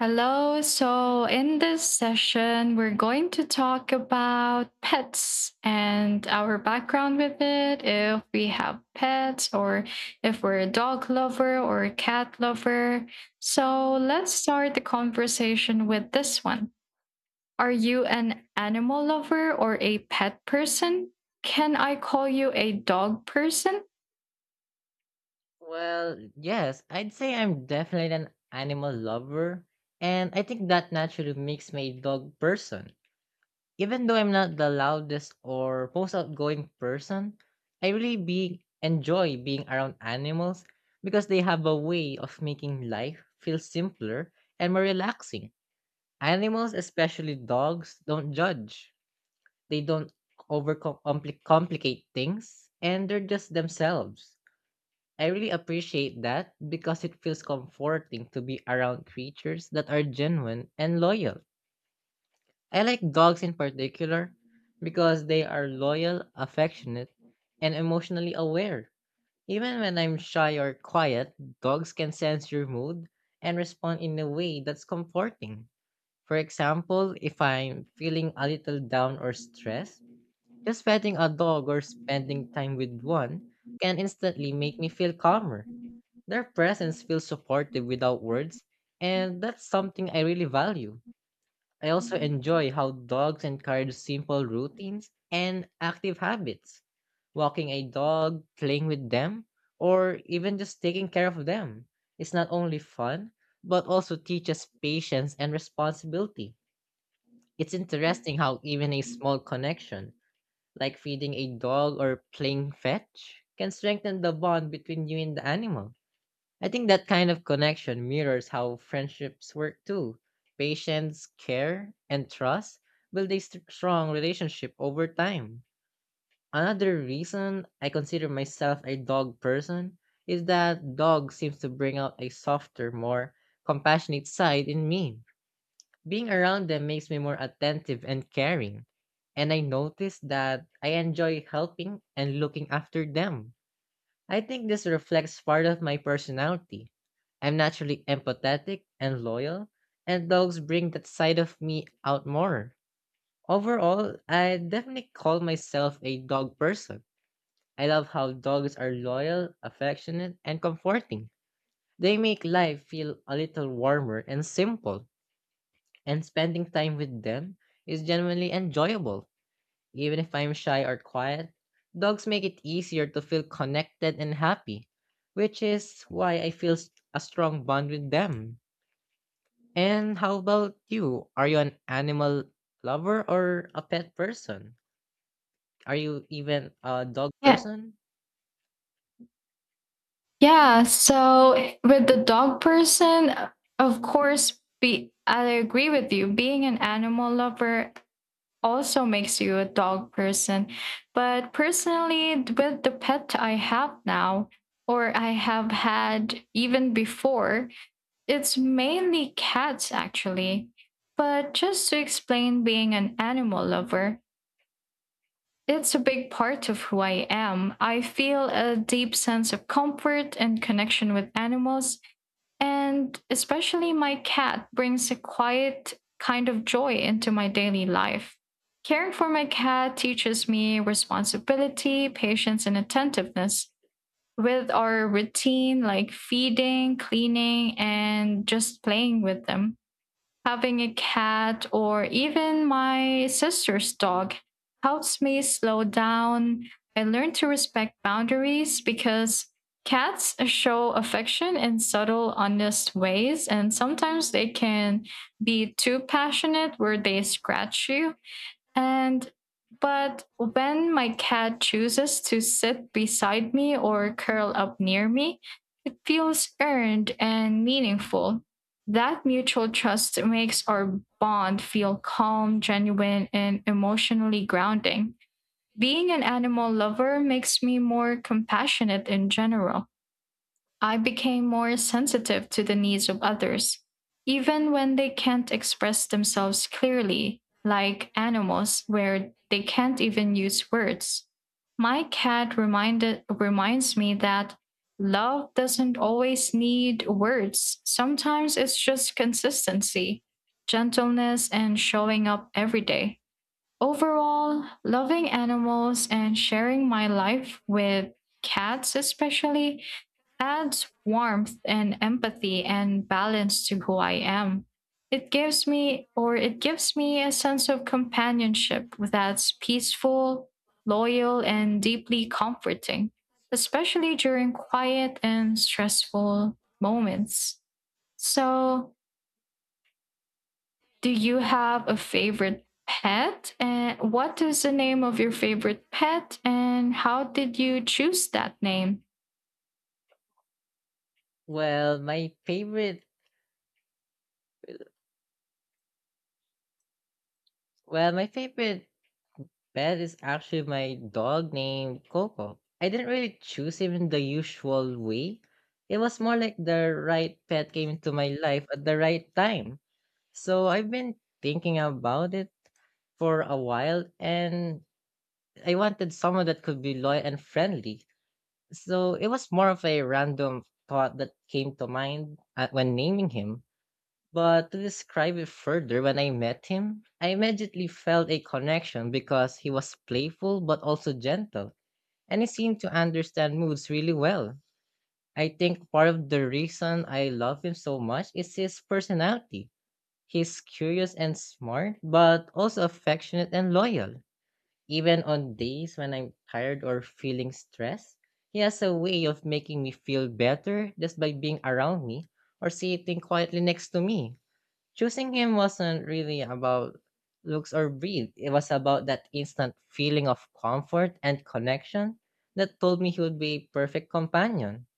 Hello. So, in this session, we're going to talk about pets and our background with it. If we have pets, or if we're a dog lover or a cat lover. So, let's start the conversation with this one. Are you an animal lover or a pet person? Can I call you a dog person? Well, yes, I'd say I'm definitely an animal lover, and I think that naturally makes me a dog person. Even though I'm not the loudest or most outgoing person, I really be enjoy being around animals because they have a way of making life feel simpler and more relaxing. Animals, especially dogs, don't judge. They don't overcomplicate things, and they're just themselves. I really appreciate that because it feels comforting to be around creatures that are genuine and loyal. I like dogs in particular because they are loyal, affectionate, and emotionally aware. Even when I'm shy or quiet, dogs can sense your mood and respond in a way that's comforting. For example, if I'm feeling a little down or stressed, just petting a dog or spending time with one can instantly make me feel calmer. Their presence feels supportive without words, and that's something I really value. I also enjoy how dogs encourage simple routines and active habits. Walking a dog, playing with them, or even just taking care of them is not only fun, but also teaches patience and responsibility. It's interesting how even a small connection, like feeding a dog or playing fetch, can strengthen the bond between you and the animal. I think that kind of connection mirrors how friendships work too. Patience, care, and trust build a strong relationship over time. Another reason I consider myself a dog person is that dogs seems to bring out a softer, more compassionate side in me. Being around them makes me more attentive and caring, and I notice that I enjoy helping and looking after them. I think this reflects part of my personality. I'm naturally empathetic and loyal, and dogs bring that side of me out more. Overall, I definitely call myself a dog person. I love how dogs are loyal, affectionate, and comforting. They make life feel a little warmer and simple, and spending time with them is genuinely enjoyable. Even if I'm shy or quiet, dogs make it easier to feel connected and happy, which is why I feel a strong bond with them. And how about you? Are you an animal lover or a pet person? Are you even a dog Yeah, person? Yeah, so with the dog person, of course, be I agree with you. Being an animal lover also makes you a dog person. But personally, with the pet I have now, or I have had even before, it's mainly cats actually. But just to explain being an animal lover, it's a big part of who I am. I feel a deep sense of comfort and connection with animals and especially my cat brings a quiet kind of joy into my daily life. Caring for my cat teaches me responsibility, patience, and attentiveness with our routine like feeding, cleaning, and just playing with them. Having a cat or even my sister's dog helps me slow down. I learn to respect boundaries because cats show affection in subtle, honest ways, and sometimes they can be too passionate where they scratch you. And but when my cat chooses to sit beside me or curl up near me, it feels earned and meaningful. That mutual trust makes our bond feel calm, genuine, and emotionally grounding. Being an animal lover makes me more compassionate in general. I became more sensitive to the needs of others, even when they can't express themselves clearly, like animals where they can't even use words. My cat reminded reminds me that love doesn't always need words. Sometimes it's just consistency, gentleness, and showing up every day. Overall, loving animals and sharing my life with cats especially adds warmth and empathy and balance to who I am. It gives me a sense of companionship that's peaceful, loyal, and deeply comforting, especially during quiet and stressful moments. So, do you have a favorite pet? And what is the name of your favorite pet? And how did you choose that name? Well, my favorite, well, my favorite pet is actually my dog named Coco. I didn't really choose him in the usual way. It was more like the right pet came into my life at the right time. So I've been thinking about it for a while, and I wanted someone that could be loyal and friendly. So it was more of a random thought that came to mind when naming him. But to describe it further, when I met him, I immediately felt a connection because he was playful but also gentle, and he seemed to understand moods really well. I think part of the reason I love him so much is his personality. He's curious and smart, but also affectionate and loyal. Even on days when I'm tired or feeling stressed, he has a way of making me feel better just by being around me or sitting quietly next to me. Choosing him wasn't really about looks or breed. It was about that instant feeling of comfort and connection that told me he would be a perfect companion.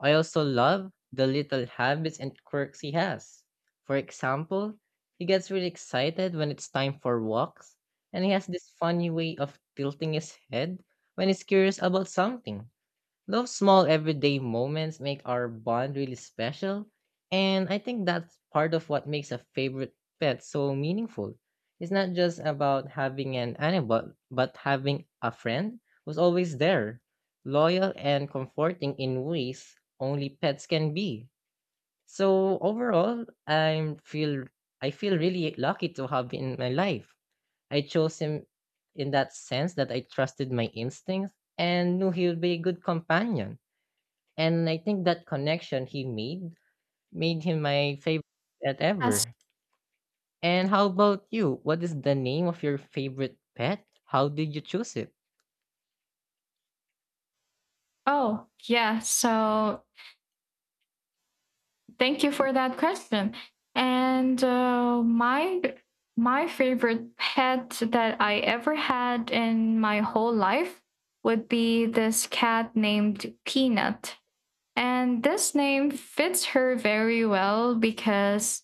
I also love the little habits and quirks he has. For example, he gets really excited when it's time for walks, and he has this funny way of tilting his head when he's curious about something. Those small everyday moments make our bond really special, and I think that's part of what makes a favorite pet so meaningful. It's not just about having an animal, but having a friend who's always there, loyal and comforting in ways only pets can be. So overall, I feel really lucky to have him in my life. I chose him in that sense that I trusted my instincts and knew he would be a good companion. And I think that connection he made made him my favorite pet As ever. And how about you? What is the name of your favorite pet? How did you choose it? oh, yeah. So thank you for that question. And my favorite pet that I ever had in my whole life would be this cat named Peanut. And this name fits her very well because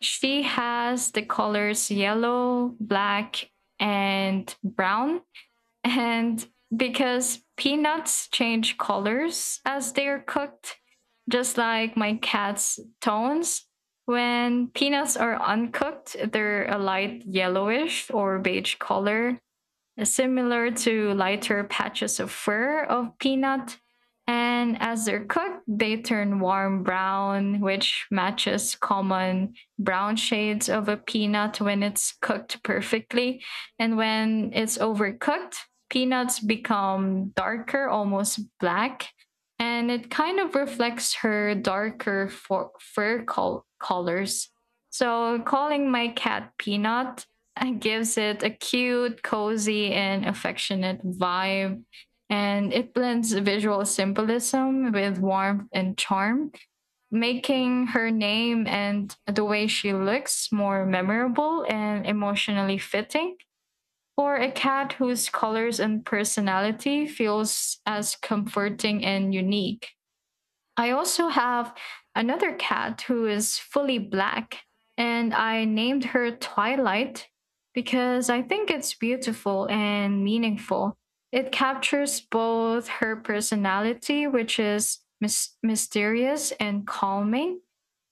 she has the colors yellow, black, and brown. And because peanuts change colors as they are cooked, just like my cat's tones. When peanuts are uncooked, they're a light yellowish or beige color, similar to lighter patches of fur of peanut. And as they're cooked, they turn warm brown, which matches common brown shades of a peanut when it's cooked perfectly. And when it's overcooked, peanuts become darker, almost black. And it kind of reflects her darker colors. So, calling my cat Peanut, it gives it a cute, cozy, and affectionate vibe. And it blends visual symbolism with warmth and charm, making her name and the way she looks more memorable and emotionally fitting for a cat whose colors and personality feels as comforting and unique. I also have another cat who is fully black, and I named her Twilight because I think it's beautiful and meaningful. It captures both her personality, which is mysterious and calming.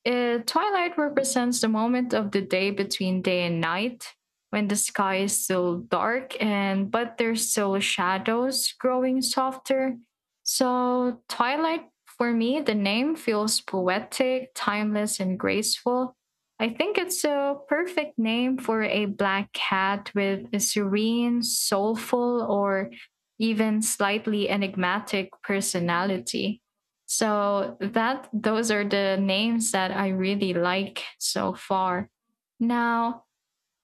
Twilight represents the moment of the day between day and night when the sky is still dark and but there's still shadows growing softer. So twilight for me, the name feels poetic, timeless and graceful. I think it's a perfect name for a black cat with a serene, soulful or even slightly enigmatic personality. So that those are the names that I really like so far. Now,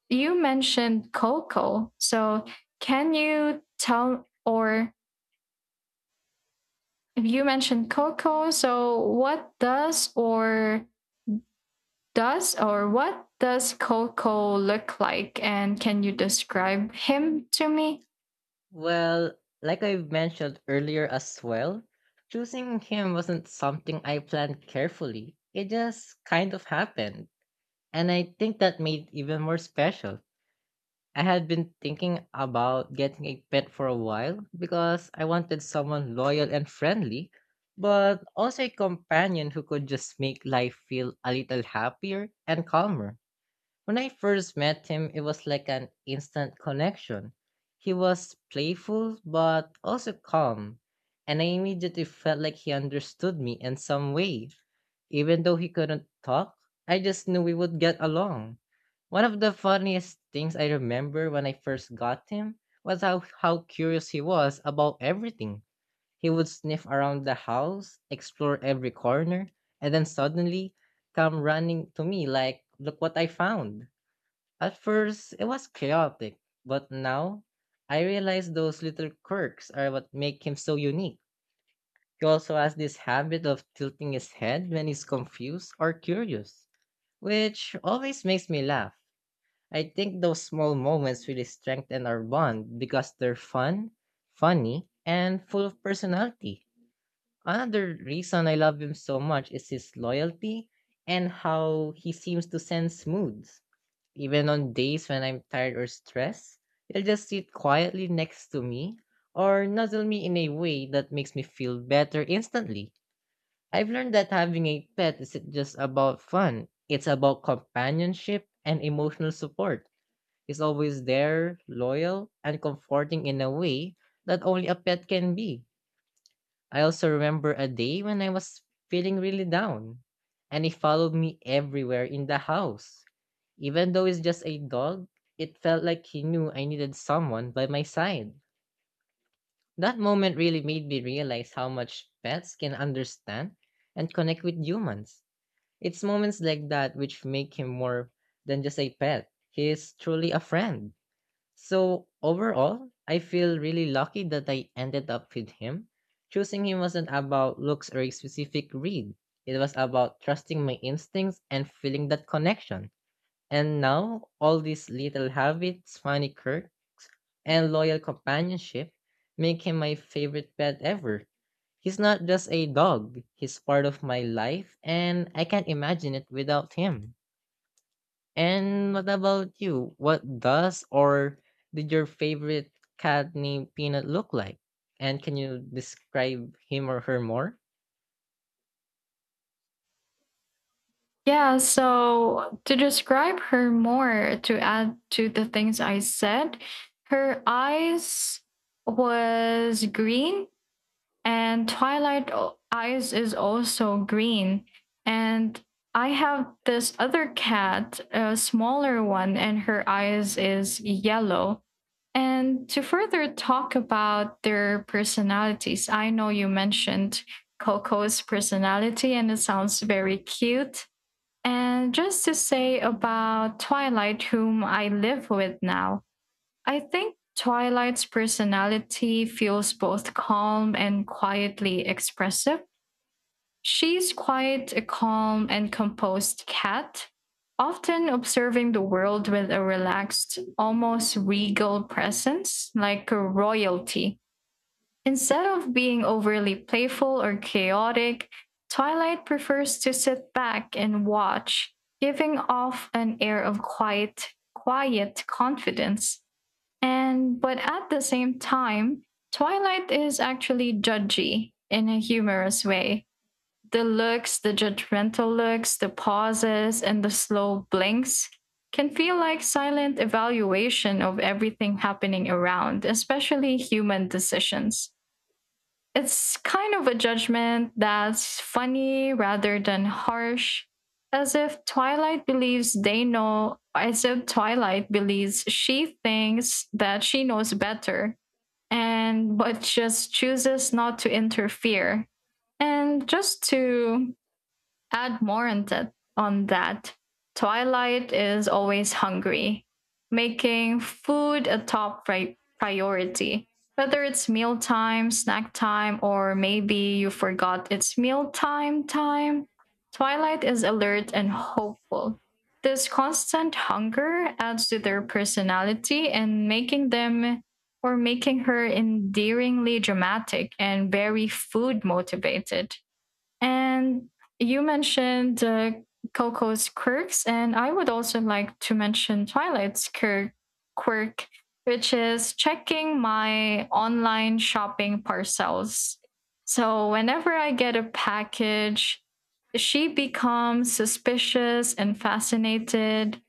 you mentioned Coco. So can you tell or if you mentioned Coco, so what does or what does Coco look like and can you describe him to me? Well, like I've mentioned earlier as well, choosing him wasn't something I planned carefully. It just kind of happened. And I think that made it even more special. I had been thinking about getting a pet for a while because I wanted someone loyal and friendly, but also a companion who could just make life feel a little happier and calmer. When I first met him, it was like an instant connection. He was playful but also calm, and I immediately felt like he understood me in some way. Even though he couldn't talk, I just knew we would get along. One of the funniest things I remember when I first got him was how curious he was about everything. He would sniff around the house, explore every corner, and then suddenly come running to me like, "Look what I found." At first, it was chaotic, but now I realize those little quirks are what make him so unique. He also has this habit of tilting his head when he's confused or curious, which always makes me laugh. I think those small moments really strengthen our bond because they're fun, funny, and full of personality. Another reason I love him so much is his loyalty and how he seems to sense moods. Even on days when I'm tired or stressed, it'll just sit quietly next to me or nuzzle me in a way that makes me feel better instantly. I've learned that having a pet isn't just about fun, it's about companionship and emotional support. It's always there, loyal, and comforting in a way that only a pet can be. I also remember a day when I was feeling really down, and he followed me everywhere in the house. Even though it's just a dog, it felt like he knew I needed someone by my side. That moment really made me realize how much pets can understand and connect with humans. It's moments like that which make him more than just a pet. He is truly a friend. So overall, I feel really lucky that I ended up with him. Choosing him wasn't about looks or a specific read. It was about trusting my instincts and feeling that connection. And now, all these little habits, funny quirks, and loyal companionship make him my favorite pet ever. He's not just a dog, he's part of my life, and I can't imagine it without him. And what about you? What does or did your favorite cat named Peanut look like? And can you describe him or her more? Yeah, so to describe her more, to add to the things I said, her eyes was green and Twilight o- eyes is also green. And I have this other cat, a smaller one, and her eyes is yellow. And to further talk about their personalities, I know you mentioned Coco's personality and it sounds very cute, and just to say about Twilight, whom I live with now, I think Twilight's personality feels both calm and quietly expressive. She's quite a calm and composed cat, often observing the world with a relaxed, almost regal presence, like a royalty. Instead of being overly playful or chaotic, Twilight prefers to sit back and watch, giving off an air of quiet confidence. And but at the same time, Twilight is actually judgy in a humorous way. The looks, the judgmental looks, the pauses, and the slow blinks can feel like silent evaluation of everything happening around, especially human decisions. It's kind of a judgment that's funny rather than harsh, as if Twilight believes they know, as if Twilight believes she thinks that she knows better, and but just chooses not to interfere. And just to add more on that. Twilight is always hungry, making food a top priority. Whether it's mealtime, snack time, or maybe you forgot it's mealtime time, Twilight is alert and hopeful. This constant hunger adds to their personality and making them or making her endearingly dramatic and very food motivated. And you mentioned Coco's quirks, and I would also like to mention Twilight's quirk, which is checking my online shopping parcels. So whenever I get a package, she becomes suspicious and fascinated.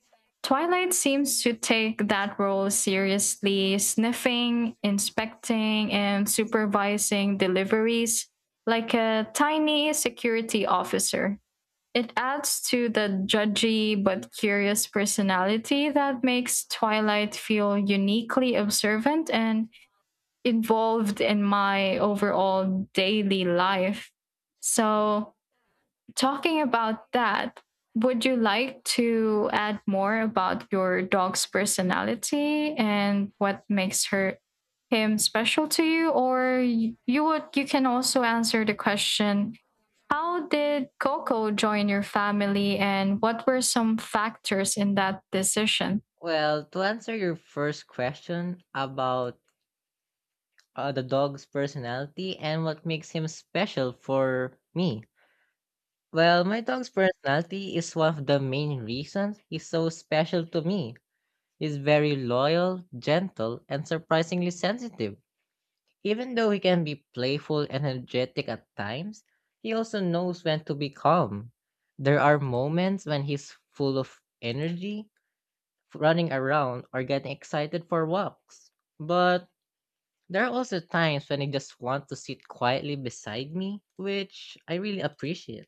Twilight seems to take that role seriously, sniffing, inspecting, and supervising deliveries like a tiny security officer. It adds to the judgy but curious personality that makes Twilight feel uniquely observant and involved in my overall daily life. So, talking about that, would you like to add more about your dog's personality and what makes her him special to you, or y- you would you can also answer the question, how did Coco join your family and what were some factors in that decision? Well, to answer your first question about the dog's personality and what makes him special for me. Well, my dog's personality is one of the main reasons he's so special to me. He's very loyal, gentle, and surprisingly sensitive. Even though he can be playful and energetic at times, he also knows when to be calm. There are moments when he's full of energy, running around, or getting excited for walks. But there are also times when he just wants to sit quietly beside me, which I really appreciate.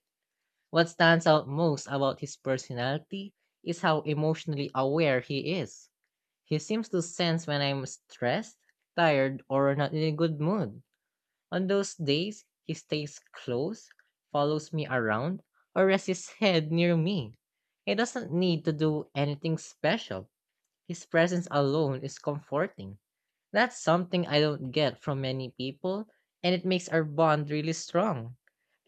What stands out most about his personality is how emotionally aware he is. He seems to sense when I'm stressed, tired, or not in a good mood. On those days, he stays close, follows me around, or rests his head near me. He doesn't need to do anything special. His presence alone is comforting. That's something I don't get from many people, and it makes our bond really strong.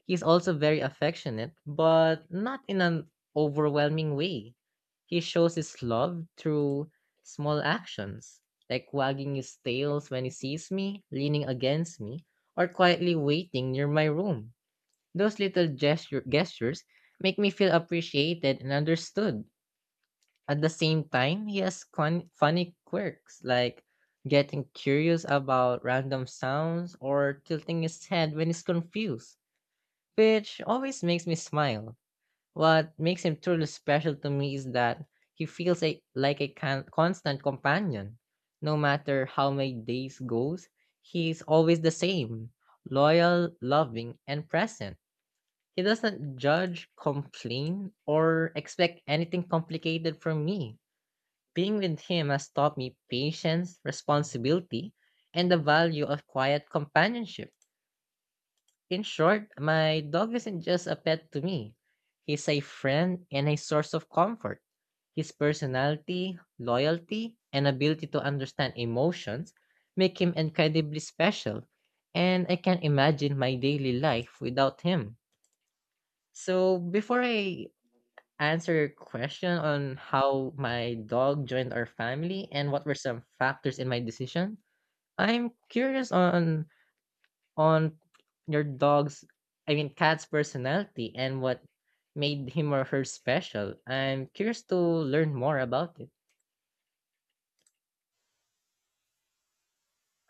He's also very affectionate, but not in an overwhelming way. He shows his love through small actions, like wagging his tails when he sees me, leaning against me, or quietly waiting near my room. Those little gestures make me feel appreciated and understood. At the same time, he has funny quirks like getting curious about random sounds or tilting his head when he's confused, which always makes me smile. What makes him truly special to me is that like a constant companion. No matter how my days goes, he's always the same, loyal, loving, and present. He doesn't judge, complain, or expect anything complicated from me. Being with him has taught me patience, responsibility, and the value of quiet companionship. In short, my dog isn't just a pet to me. He's a friend and a source of comfort. His personality, loyalty, and ability to understand emotions make him incredibly special, and I can't imagine my daily life without him. So, before I answer your question on how my dog joined our family and what were some factors in my decision, I'm curious on your dog's, I mean cat's personality and what made him or her special. I'm curious to learn more about it.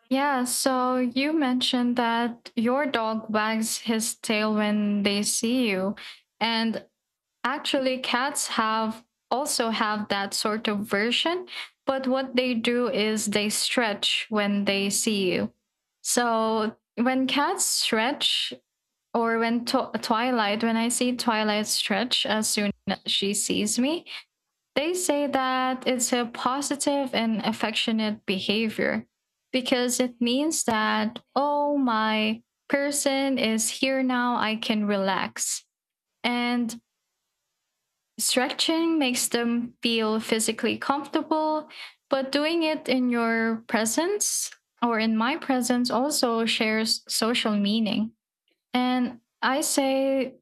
Yeah, so you mentioned that your dog wags his tail when they see you. And actually cats have also have that sort of version, but what they do is they stretch when they see you. So when cats stretch, or Twilight, when I see Twilight stretch as soon as she sees me, they say that it's a positive and affectionate behavior because it means that, oh, my person is here now, I can relax. And stretching makes them feel physically comfortable, but doing it in your presence or in my presence also shares social meaning. And I say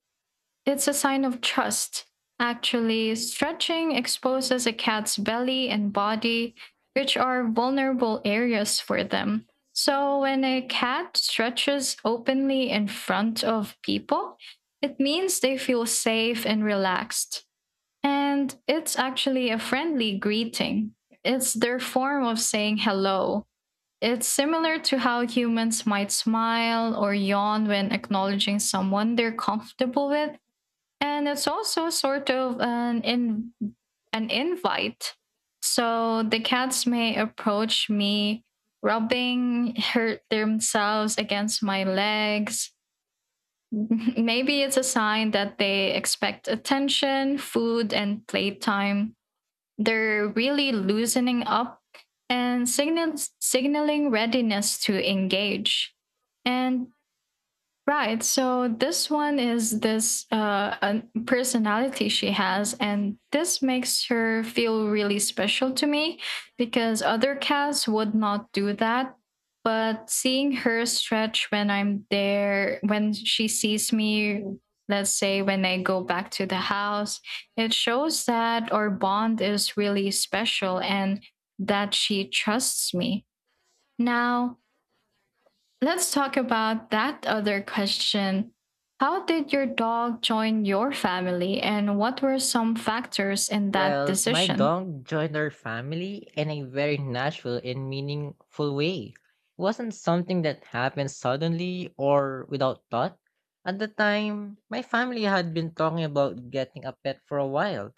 it's a sign of trust. Actually, stretching exposes a cat's belly and body, which are vulnerable areas for them. So, when a cat stretches openly in front of people, it means they feel safe and relaxed. And it's actually a friendly greeting, it's their form of saying hello. It's similar to how humans might smile or yawn when acknowledging someone they're comfortable with, and it's also sort of an invite, so the cats may approach me, rubbing hurt themselves against my legs. Maybe it's a sign that they expect attention, food and playtime. They're really loosening up and signals signaling readiness to engage. And Right. So this one is this an personality she has, and this makes her feel really special to me because other cats would not do that. But seeing her stretch when I'm there, when she sees me, let's say when I go back to the house, it shows that our bond is really special and that she trusts me. Now, let's talk about that other question. How did your dog join your family, and what were some factors in that Well, my decision? dog joined our family in a very natural and meaningful way. It wasn't something that happened suddenly or without thought. At the time, my family had been talking about getting a pet for a while.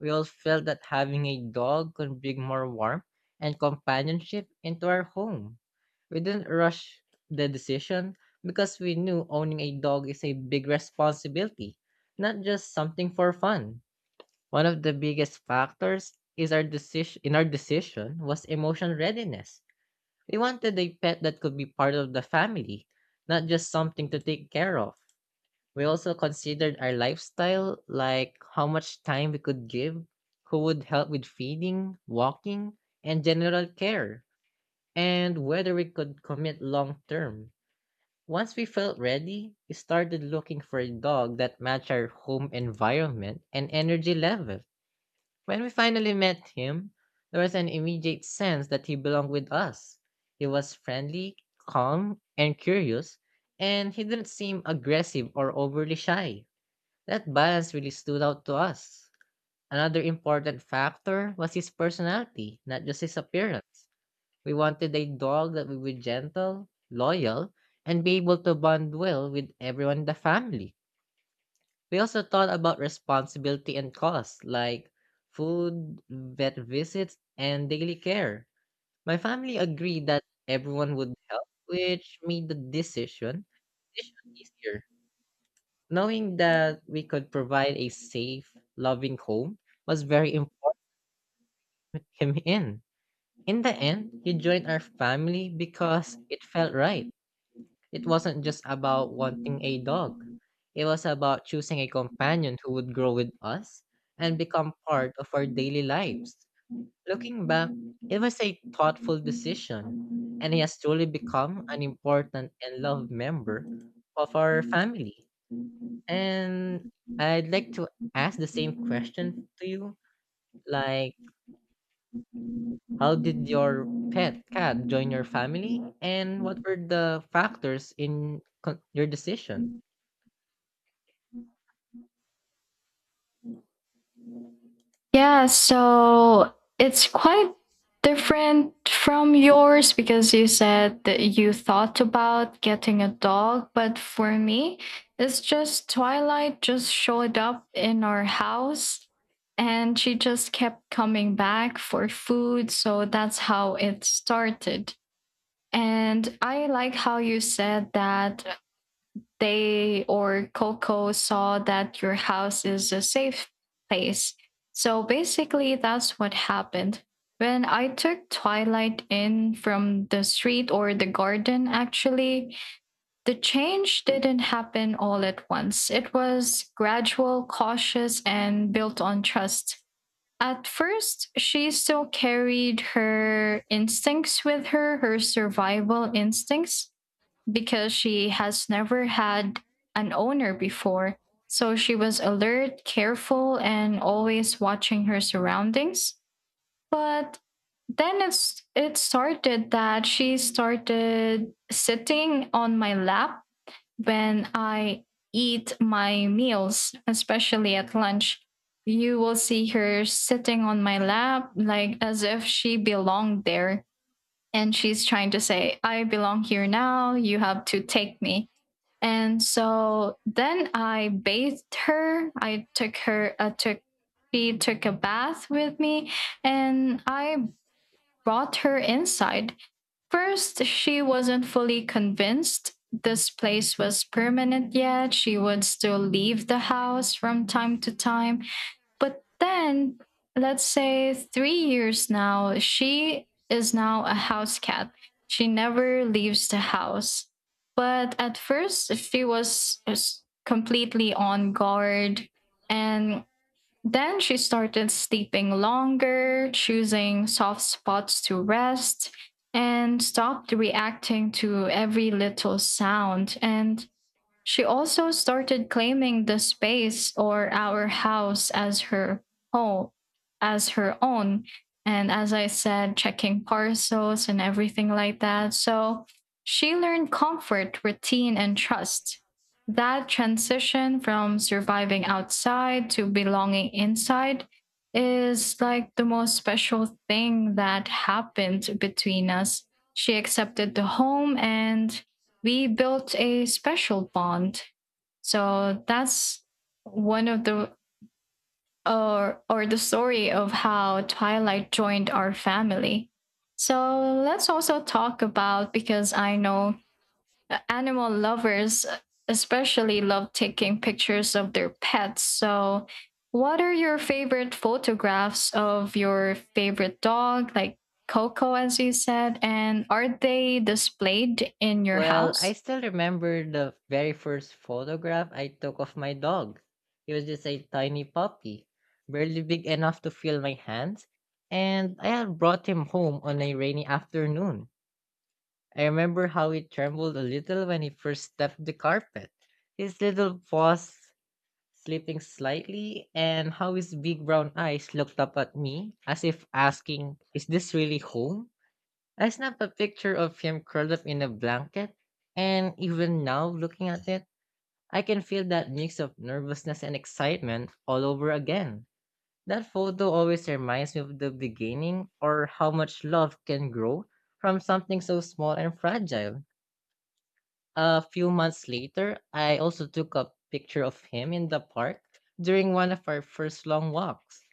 We all felt that having a dog could bring more warmth and companionship into our home. We didn't rush the decision because we knew owning a dog is a big responsibility, not just something for fun. One of the biggest factors is our decision in our decision was emotional readiness. We wanted a pet that could be part of the family, not just something to take care of. We also considered our lifestyle, like how much time we could give, who would help with feeding, walking, and general care, and whether we could commit long term. Once we felt ready, we started looking for a dog that matched our home environment and energy level. When we finally met him, there was an immediate sense that he belonged with us. He was friendly, calm, and curious, and he didn't seem aggressive or overly shy. That balance really stood out to us. Another important factor was his personality, not just his appearance. We wanted a dog that would be gentle, loyal, and be able to bond well with everyone in the family. We also thought about responsibility and costs, like food, vet visits, and daily care. My family agreed that everyone would help, which made the decision easier. Knowing that we could provide a safe, loving home was very important to him in. In the end, he joined our family because it felt right. It wasn't just about wanting a dog. It was about choosing a companion who would grow with us and become part of our daily lives. Looking back, it was a thoughtful decision, and he has truly become an important and loved member of our family. And I'd like to ask the same question to you. Like, how did your pet cat join your family? And what were the factors in your decision? Yeah, so it's quite different from yours because you said that you thought about getting a dog, but for me, it's just Twilight just showed up in our house and she just kept coming back for food, so that's how it started. And I like how you said that they or Coco saw that your house is a safe place. So basically, that's what happened. When I took Twilight in from the street or the garden, actually, the change didn't happen all at once. It was gradual, cautious, and built on trust. At first, she still carried her instincts with her, her survival instincts, because she has never had an owner before. So she was alert, careful, and always watching her surroundings. But then it started that she started sitting on my lap when I eat my meals, especially at lunch. You will see her sitting on my lap like as if she belonged there and she's trying to say, I belong here now, you have to take me. And so then I bathed her. I took her, took, she took a bath with me and I brought her inside. First, she wasn't fully convinced this place was permanent yet. She would still leave the house from time to time. But then, let's say 3 years now, she is now a house cat. She never leaves the house. But at first, she was completely on guard. And then she started sleeping longer, choosing soft spots to rest, and stopped reacting to every little sound. And she also started claiming the space or our house as her home, as her own. And as I said, checking parcels and everything like that. So she learned comfort, routine, and trust. That transition from surviving outside to belonging inside is like the most special thing that happened between us. She accepted the home and we built a special bond. So that's one of the or the story of how Twilight joined our family. So let's also talk about, because I know animal lovers especially love taking pictures of their pets. So what are your favorite photographs of your favorite dog like Coco as you said, and are they displayed in your Well, I house? still remember the very first photograph I took of my dog. He was just a tiny puppy, barely big enough to feel my hands. And I had brought him home on a rainy afternoon. I remember how he trembled a little when he first stepped the carpet, his little paws slipping slightly, and how his big brown eyes looked up at me as if asking, "Is this really home?" I snapped a picture of him curled up in a blanket, and even now looking at it, I can feel that mix of nervousness and excitement all over again. That photo always reminds me of the beginning or how much love can grow from something so small and fragile. A few months later, I also took a picture of him in the park during one of our first long walks.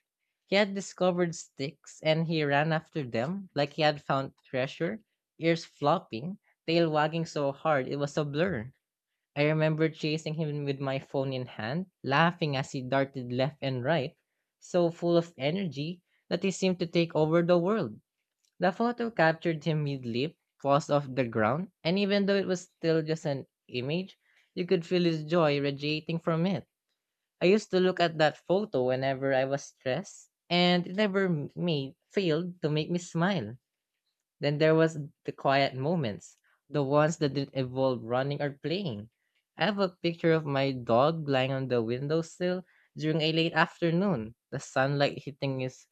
He had discovered sticks and he ran after them like he had found treasure, ears flopping, tail wagging so hard it was a blur. I remember chasing him with my phone in hand, laughing as he darted left and right, so full of energy that he seemed to take over the world. The photo captured him mid-leap, falls off the ground, and even though it was still just an image, you could feel his joy radiating from it. I used to look at that photo whenever I was stressed, and it never m- made failed to make me smile. Then there was the quiet moments, the ones that didn't involve running or playing. I have a picture of my dog lying on the windowsill during a late afternoon, the sunlight hitting his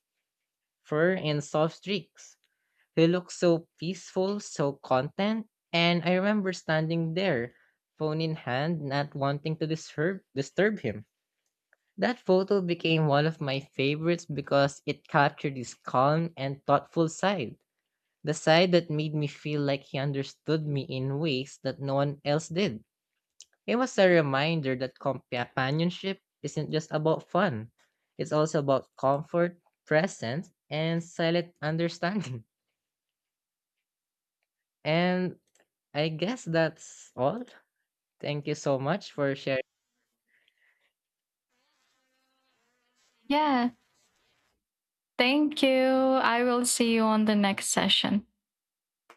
fur in soft streaks. They looked so peaceful, so content, and I remember standing there, phone in hand, not wanting to disturb him. That photo became one of my favorites because it captured his calm and thoughtful side. The side that made me feel like he understood me in ways that no one else did. It was a reminder that companionship isn't just about fun. It's also about comfort, presence, and silent understanding. And I guess that's all. Thank you so much for sharing. Yeah. Thank you. I will see you on the next session.